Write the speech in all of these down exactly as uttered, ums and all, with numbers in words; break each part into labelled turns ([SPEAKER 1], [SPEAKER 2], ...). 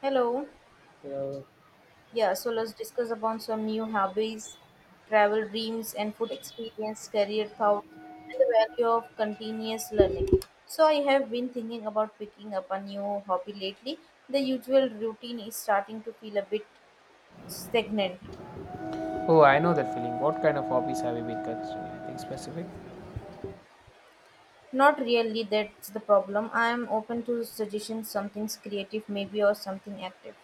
[SPEAKER 1] Hello.
[SPEAKER 2] Uh,
[SPEAKER 1] Yeah, so let's discuss about some new hobbies, travel dreams, and food experience, career thought, and the value of continuous learning. So I have been thinking about picking up a new hobby lately. The usual routine is starting to feel a bit stagnant.
[SPEAKER 2] oh, I know that feeling. What kind of hobbies have you been considering? Anything specific?
[SPEAKER 1] Not really, that's the problem. I am open to suggestions, something's creative maybe or something active.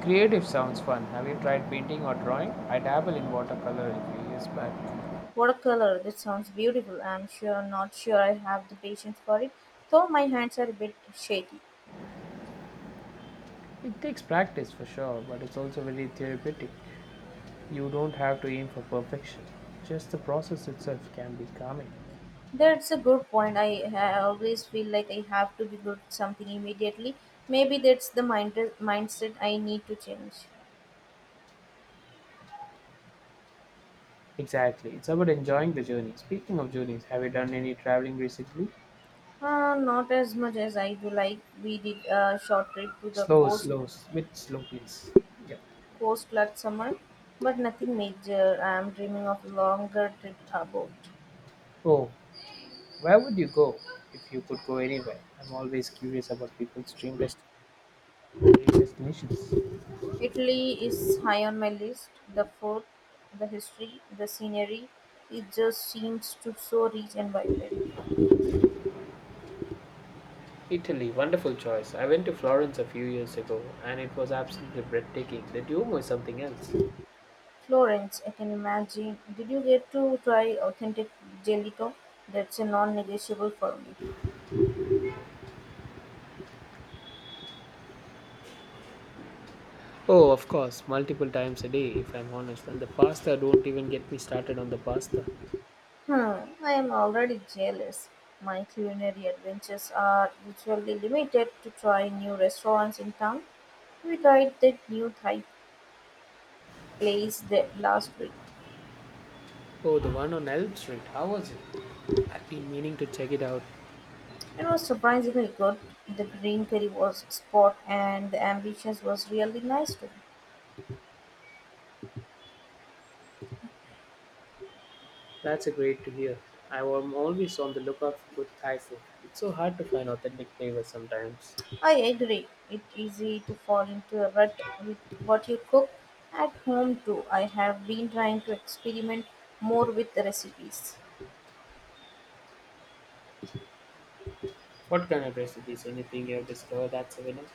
[SPEAKER 2] Creative sounds fun. Have you tried painting or drawing? I dabble in watercolor a few years back.
[SPEAKER 1] Watercolor, that sounds beautiful. I'm sure not sure I have the patience for it, though my hands are a bit shaky.
[SPEAKER 2] It takes practice for sure, but it's also very therapeutic. You don't have to aim for perfection, just the process itself can be calming.
[SPEAKER 1] That's a good point. I ha- always feel like I have to be good at something immediately. Maybe that's the mind- mindset I need to change.
[SPEAKER 2] Exactly. It's about enjoying the journey. Speaking of journeys, have you done any traveling recently?
[SPEAKER 1] Uh, not as much as I do. Like we did a short trip to the
[SPEAKER 2] Slow,
[SPEAKER 1] coast
[SPEAKER 2] slow, s- bit slow, please. Yeah.
[SPEAKER 1] coast last summer, but nothing major. I'm dreaming of a longer trip about.
[SPEAKER 2] Oh, where would you go if you could go anywhere? I'm always curious about people's dream dest- dream destinations.
[SPEAKER 1] Italy is high on my list. The food, the history, the scenery. It just seems to so rich and vibrant.
[SPEAKER 2] Italy, wonderful choice. I went to Florence a few years ago and it was absolutely breathtaking. The Duomo is something else.
[SPEAKER 1] Florence, I can imagine. Did you get to try authentic gelato? That's a non-negotiable for me.
[SPEAKER 2] Oh, of course, multiple times a day, if I'm honest. And the pasta, don't even get me started on the pasta.
[SPEAKER 1] Hmm, I am already jealous. My culinary adventures are usually limited to trying new restaurants in town. We tried that new Thai place the last week.
[SPEAKER 2] Oh, the one on Elm Street, how was it? I've been meaning to check it out.
[SPEAKER 1] It was surprisingly good. The green curry was spot and the ambitions was really nice too.
[SPEAKER 2] That's a great to hear. I am always on the lookout for good Thai food. It's so hard to find authentic flavors sometimes.
[SPEAKER 1] I agree. It's easy to fall into a rut with what you cook at home too. I have been trying to experiment more with the recipes.
[SPEAKER 2] What kind of recipes? Anything you have discovered that's a winner?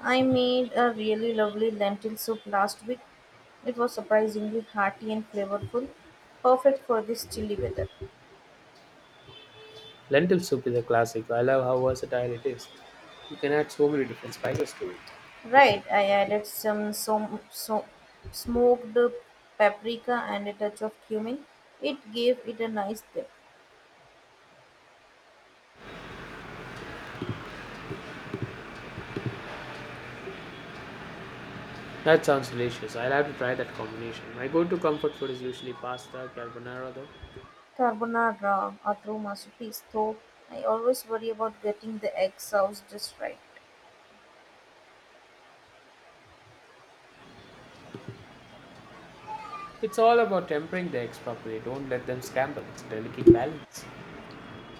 [SPEAKER 1] I made a really lovely lentil soup last week. It was surprisingly hearty and flavorful, perfect for this chilly weather.
[SPEAKER 2] Lentil soup is a classic. I love how versatile it is. You can add so many different spices to it.
[SPEAKER 1] Right, I added some som- so- smoked paprika and a touch of cumin. It gave it a nice depth.
[SPEAKER 2] That sounds delicious. I'll have to try that combination. My go to comfort food is usually pasta, carbonara, though.
[SPEAKER 1] Carbonara or true masterpiece, though I always worry about getting the egg sauce just right.
[SPEAKER 2] It's all about tempering the eggs properly. Don't let them scramble. It's a delicate balance.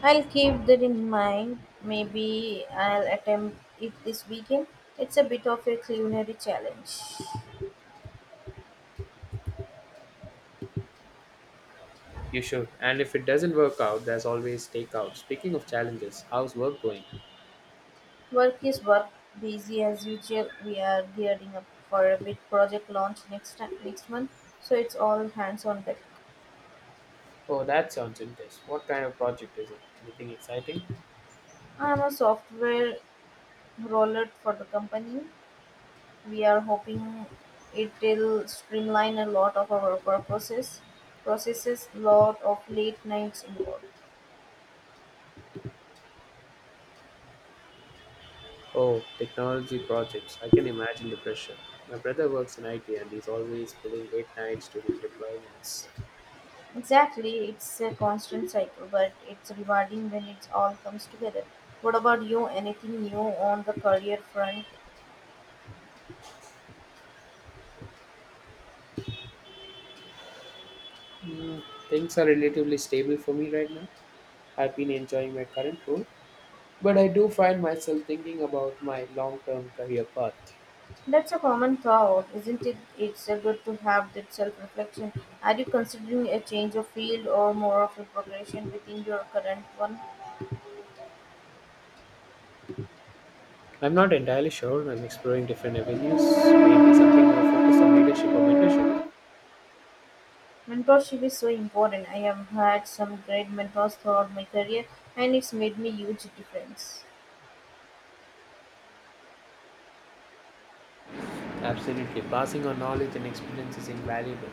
[SPEAKER 1] I'll keep that in mind. Maybe I'll attempt it this weekend. It's a bit of a culinary challenge.
[SPEAKER 2] You should. And if it doesn't work out, there's always takeout. Speaking of challenges, how's work going?
[SPEAKER 1] Work is work, busy as usual. We are gearing up for a big project launch next ti- next month, so it's all hands on deck.
[SPEAKER 2] Oh, that sounds intense. What kind of project is it? Anything exciting?
[SPEAKER 1] I'm a software roller for the company. We are hoping it'll streamline a lot of our purposes processes, lot of late nights involved.
[SPEAKER 2] Oh, technology projects. I can imagine the pressure. My brother works in I T and he's always pulling late nights during deployments.
[SPEAKER 1] Exactly, it's a constant cycle, but it's rewarding when it all comes together. What about you? Anything new on the career front?
[SPEAKER 2] Hmm, things are relatively stable for me right now. I've been enjoying my current role, but I do find myself thinking about my long term career path.
[SPEAKER 1] That's a common thought, isn't it? It's a good to have that self reflection. Are you considering a change of field or more of a progression within your current one?
[SPEAKER 2] I'm not entirely sure. I'm exploring different avenues, maybe something more focused on leadership or mentorship.
[SPEAKER 1] Mentorship is so important. I have had some great mentors throughout my career and it's made me huge difference.
[SPEAKER 2] Absolutely. Passing on knowledge and experience is invaluable.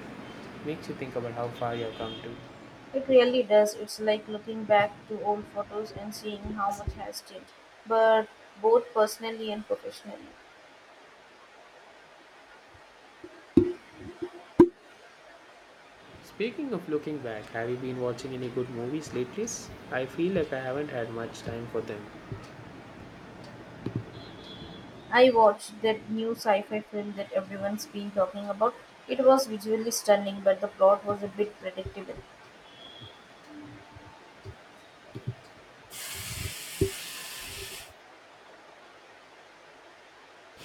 [SPEAKER 2] Makes you think about how far you have come to.
[SPEAKER 1] It really does. It's like looking back to old photos and seeing how much has changed, but both personally and professionally.
[SPEAKER 2] Speaking of looking back, have you been watching any good movies lately? I feel like I haven't had much time for them.
[SPEAKER 1] I watched that new sci-fi film that everyone's been talking about. It was visually stunning, but the plot was a bit predictable.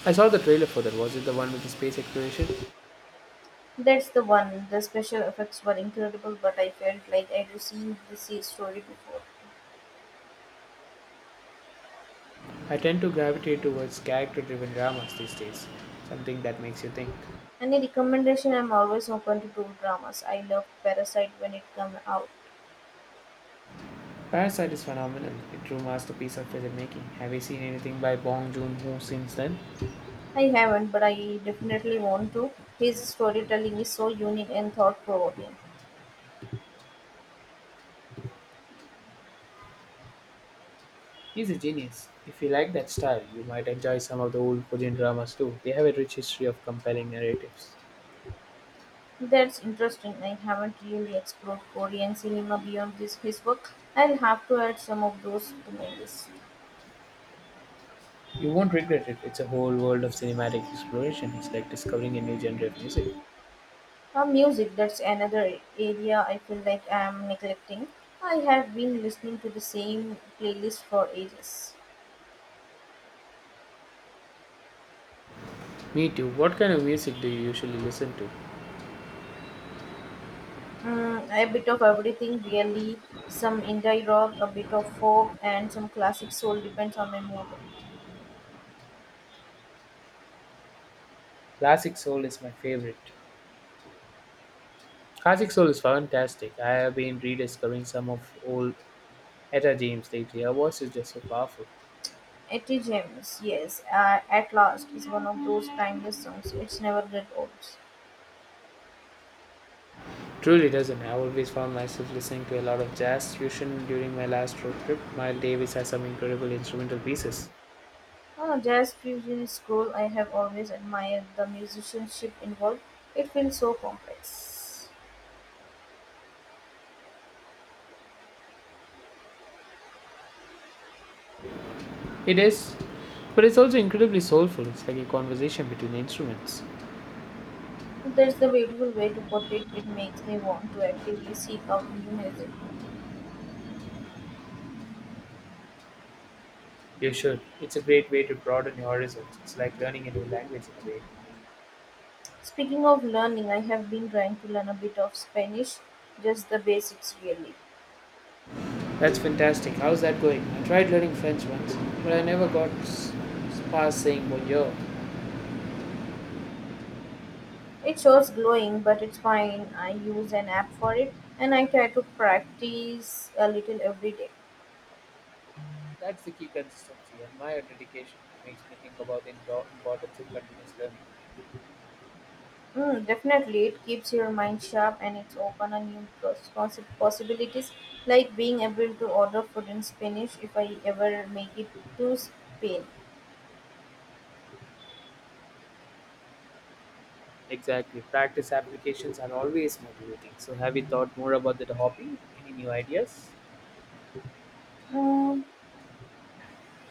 [SPEAKER 2] I saw the trailer for that. Was it the one with the space exploration?
[SPEAKER 1] That's the one. The special effects were incredible, but I felt like I'd seen this story before.
[SPEAKER 2] I tend to gravitate towards character-driven dramas these days. Something that makes you think.
[SPEAKER 1] Any recommendation? I'm always open to good dramas. I loved Parasite when it came out.
[SPEAKER 2] Parasite is phenomenal. A true masterpiece of filmmaking. Have you seen anything by Bong Joon-ho since then?
[SPEAKER 1] I haven't, but I definitely want to. His storytelling is so unique and thought provoking.
[SPEAKER 2] He's a genius. If you like that style, you might enjoy some of the old Korean dramas too. They have a rich history of compelling narratives.
[SPEAKER 1] That's interesting. I haven't really explored Korean cinema beyond this his work. I'll have to add some of those to my list.
[SPEAKER 2] You won't regret it. It's a whole world of cinematic exploration. It's like discovering a new genre of music.
[SPEAKER 1] Uh, music, that's another area I feel like I'm neglecting. I have been listening to the same playlist for ages.
[SPEAKER 2] Me too. What kind of music do you usually listen to?
[SPEAKER 1] Mm, a bit of everything, really. Some indie rock, a bit of folk, and some classic soul, depends on my mood.
[SPEAKER 2] Classic soul is my favorite. Classic soul is fantastic. I have been rediscovering some of old Etta James lately. Her voice is just so powerful.
[SPEAKER 1] Etty James, yes, uh, At Last is one of those timeless songs. It's never get old.
[SPEAKER 2] Truly doesn't. I always found myself listening to a lot of jazz fusion during my last road trip. Miles Davis has some incredible instrumental pieces.
[SPEAKER 1] Uh, jazz fusion is cool. I have always admired the musicianship involved. It feels so complex.
[SPEAKER 2] It is, but it's also incredibly soulful. It's like a conversation between instruments.
[SPEAKER 1] That's the beautiful way to put it. It makes me want to actively seek out new music.
[SPEAKER 2] You should. It's a great way to broaden your horizons. It's like learning a new language in a way.
[SPEAKER 1] Speaking of learning, I have been trying to learn a bit of Spanish, just the basics, really.
[SPEAKER 2] That's fantastic. How's that going? I tried learning French once, but I never got s- past saying bonjour.
[SPEAKER 1] It shows glowing, but it's fine. I use an app for it and I try to practice a little every day.
[SPEAKER 2] That's the key consistency, and my dedication makes me think about the indo- importance of continuous learning.
[SPEAKER 1] Mm, definitely, it keeps your mind sharp and it's open a new pos- possi- possibilities, like being able to order food in Spanish if I ever make it to Spain.
[SPEAKER 2] Exactly. Practice applications are always motivating. So, have you thought more about that hobby? Any new ideas?
[SPEAKER 1] Mm,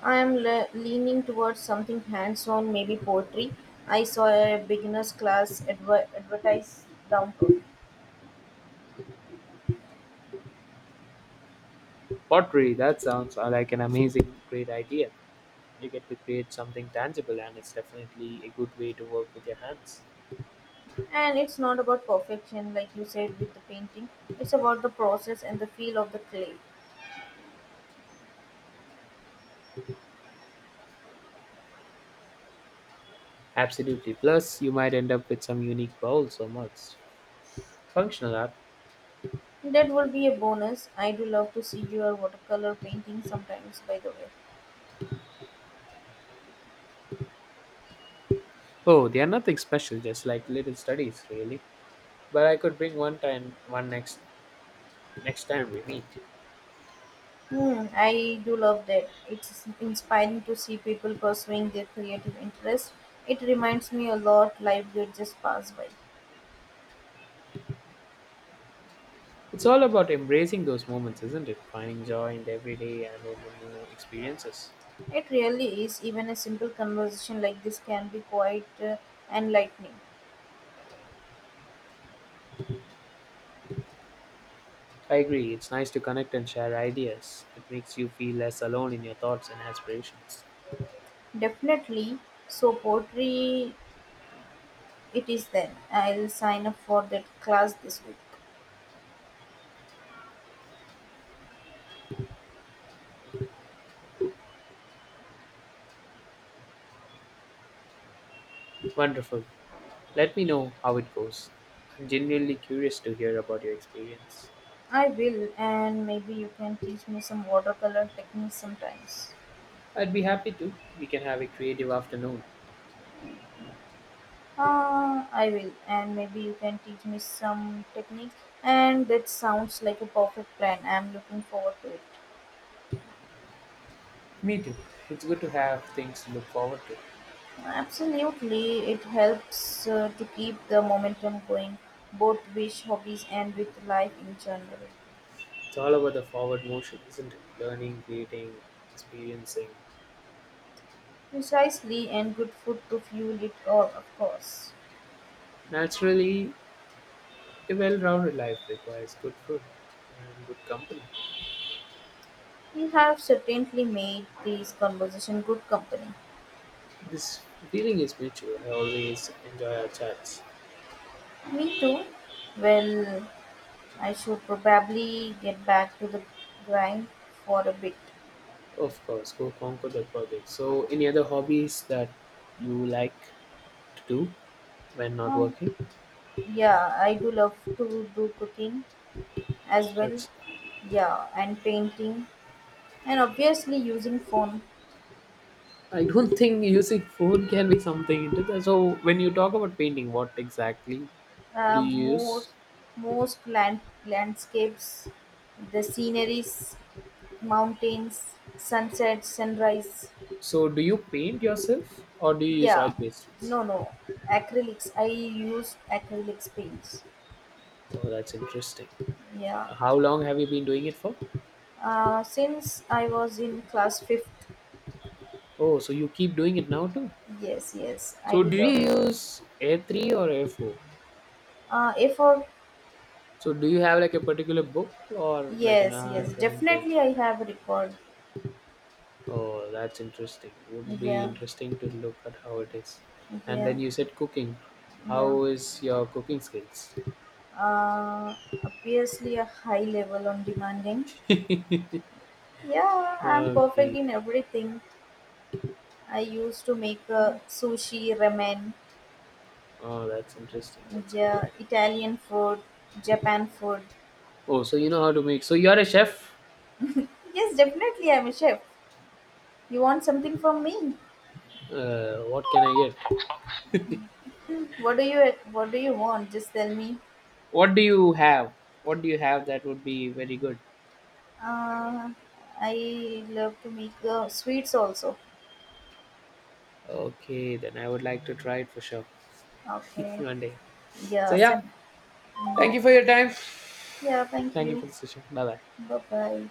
[SPEAKER 1] I am le- leaning towards something hands on, maybe poetry. I saw a beginner's class adver- advertised downtown.
[SPEAKER 2] Pottery, that sounds uh, like an amazing, great idea. You get to create something tangible, and it's definitely a good way to work with your hands.
[SPEAKER 1] And it's not about perfection, like you said with the painting, it's about the process and the feel of the clay.
[SPEAKER 2] Absolutely. Plus, you might end up with some unique bowls or mugs. Functional art.
[SPEAKER 1] That will be a bonus. I do love to see your watercolor painting sometimes, by the way.
[SPEAKER 2] Oh, they are nothing special, just like little studies, really. But I could bring one time, one next next time we meet.
[SPEAKER 1] Hmm, I do love that. It's inspiring to see people pursuing their creative interests. It reminds me a lot life did just pass by.
[SPEAKER 2] It's all about embracing those moments, isn't it? Finding joy in the everyday and in the new experiences.
[SPEAKER 1] It really is. Even a simple conversation like this can be quite uh, enlightening.
[SPEAKER 2] I agree. It's nice to connect and share ideas. It makes you feel less alone in your thoughts and aspirations.
[SPEAKER 1] Definitely. So poetry it is then. I'll sign up for that class this week.
[SPEAKER 2] Wonderful. Let me know how it goes. I'm genuinely curious to hear about your experience.
[SPEAKER 1] I will, and maybe you can teach me some watercolor techniques sometimes.
[SPEAKER 2] I'd be happy to. We can have a creative afternoon.
[SPEAKER 1] Uh, I will, and maybe you can teach me some technique. And that sounds like a perfect plan. I'm looking forward to it.
[SPEAKER 2] Me too. It's good to have things to look forward to.
[SPEAKER 1] Absolutely, it helps uh, to keep the momentum going, both with hobbies and with life in general.
[SPEAKER 2] It's all about the forward motion, isn't it? Learning, creating, experiencing.
[SPEAKER 1] Precisely, and good food to fuel it all, of course.
[SPEAKER 2] Naturally, a well rounded life requires good food and good company.
[SPEAKER 1] You have certainly made this conversation good company.
[SPEAKER 2] This feeling is mutual. I always enjoy our chats.
[SPEAKER 1] Me too. Well, I should probably get back to the grind for a bit.
[SPEAKER 2] Of course, go conquer the project. So, any other hobbies that you like to do when not
[SPEAKER 1] Oh,
[SPEAKER 2] working?
[SPEAKER 1] yeah, I do love to do cooking as well.
[SPEAKER 2] That's
[SPEAKER 1] Yeah, and painting, and obviously using phone.
[SPEAKER 2] I don't think using food can be something into that. So when you talk about painting, what exactly do
[SPEAKER 1] Uh,
[SPEAKER 2] you use?
[SPEAKER 1] most most land, landscapes, the sceneries, mountains, sunset, sunrise.
[SPEAKER 2] So do you paint yourself or do you use oil
[SPEAKER 1] Yeah,
[SPEAKER 2] pastels?
[SPEAKER 1] no, no, acrylics. I use acrylics paints.
[SPEAKER 2] Oh, that's interesting.
[SPEAKER 1] Yeah,
[SPEAKER 2] How long have you been doing it for?
[SPEAKER 1] uh, since I was in class fifth.
[SPEAKER 2] Oh, so you keep doing it now too.
[SPEAKER 1] Yes, yes, I
[SPEAKER 2] So
[SPEAKER 1] do
[SPEAKER 2] do
[SPEAKER 1] love.
[SPEAKER 2] you
[SPEAKER 1] Them.
[SPEAKER 2] use A three or A four?
[SPEAKER 1] Uh, A for
[SPEAKER 2] So do you have like a particular book or like an
[SPEAKER 1] yes,
[SPEAKER 2] art
[SPEAKER 1] yes,
[SPEAKER 2] drawing book?
[SPEAKER 1] definitely I have a record.
[SPEAKER 2] Oh, that's interesting. Would be
[SPEAKER 1] Yeah,
[SPEAKER 2] interesting to look at how it is. And
[SPEAKER 1] yeah,
[SPEAKER 2] then you said cooking.
[SPEAKER 1] yeah.
[SPEAKER 2] How is your cooking skills?
[SPEAKER 1] Uh, Obviously a high level on demanding. Yeah, I'm perfect
[SPEAKER 2] Okay.
[SPEAKER 1] in everything. I used to make uh, sushi, ramen,
[SPEAKER 2] Oh, that's interesting. That's good to
[SPEAKER 1] yeah,
[SPEAKER 2] know.
[SPEAKER 1] Italian food, Japan food.
[SPEAKER 2] Oh, so you know how to make. So you're a chef.
[SPEAKER 1] Yes, definitely. I'm a chef. You want something from me?
[SPEAKER 2] Uh, what can I get?
[SPEAKER 1] What do you What do you want? Just tell me.
[SPEAKER 2] What do you have? What do you have that would be very good?
[SPEAKER 1] Uh, I love to make uh, sweets also.
[SPEAKER 2] Okay, then I would like to try it for sure
[SPEAKER 1] Okay.
[SPEAKER 2] one day. So
[SPEAKER 1] Yeah.
[SPEAKER 2] yeah,
[SPEAKER 1] Send.
[SPEAKER 2] thank
[SPEAKER 1] Yeah.
[SPEAKER 2] you for your time.
[SPEAKER 1] Yeah. Thank
[SPEAKER 2] Thank you
[SPEAKER 1] you.
[SPEAKER 2] for the session. Bye bye.
[SPEAKER 1] Bye bye.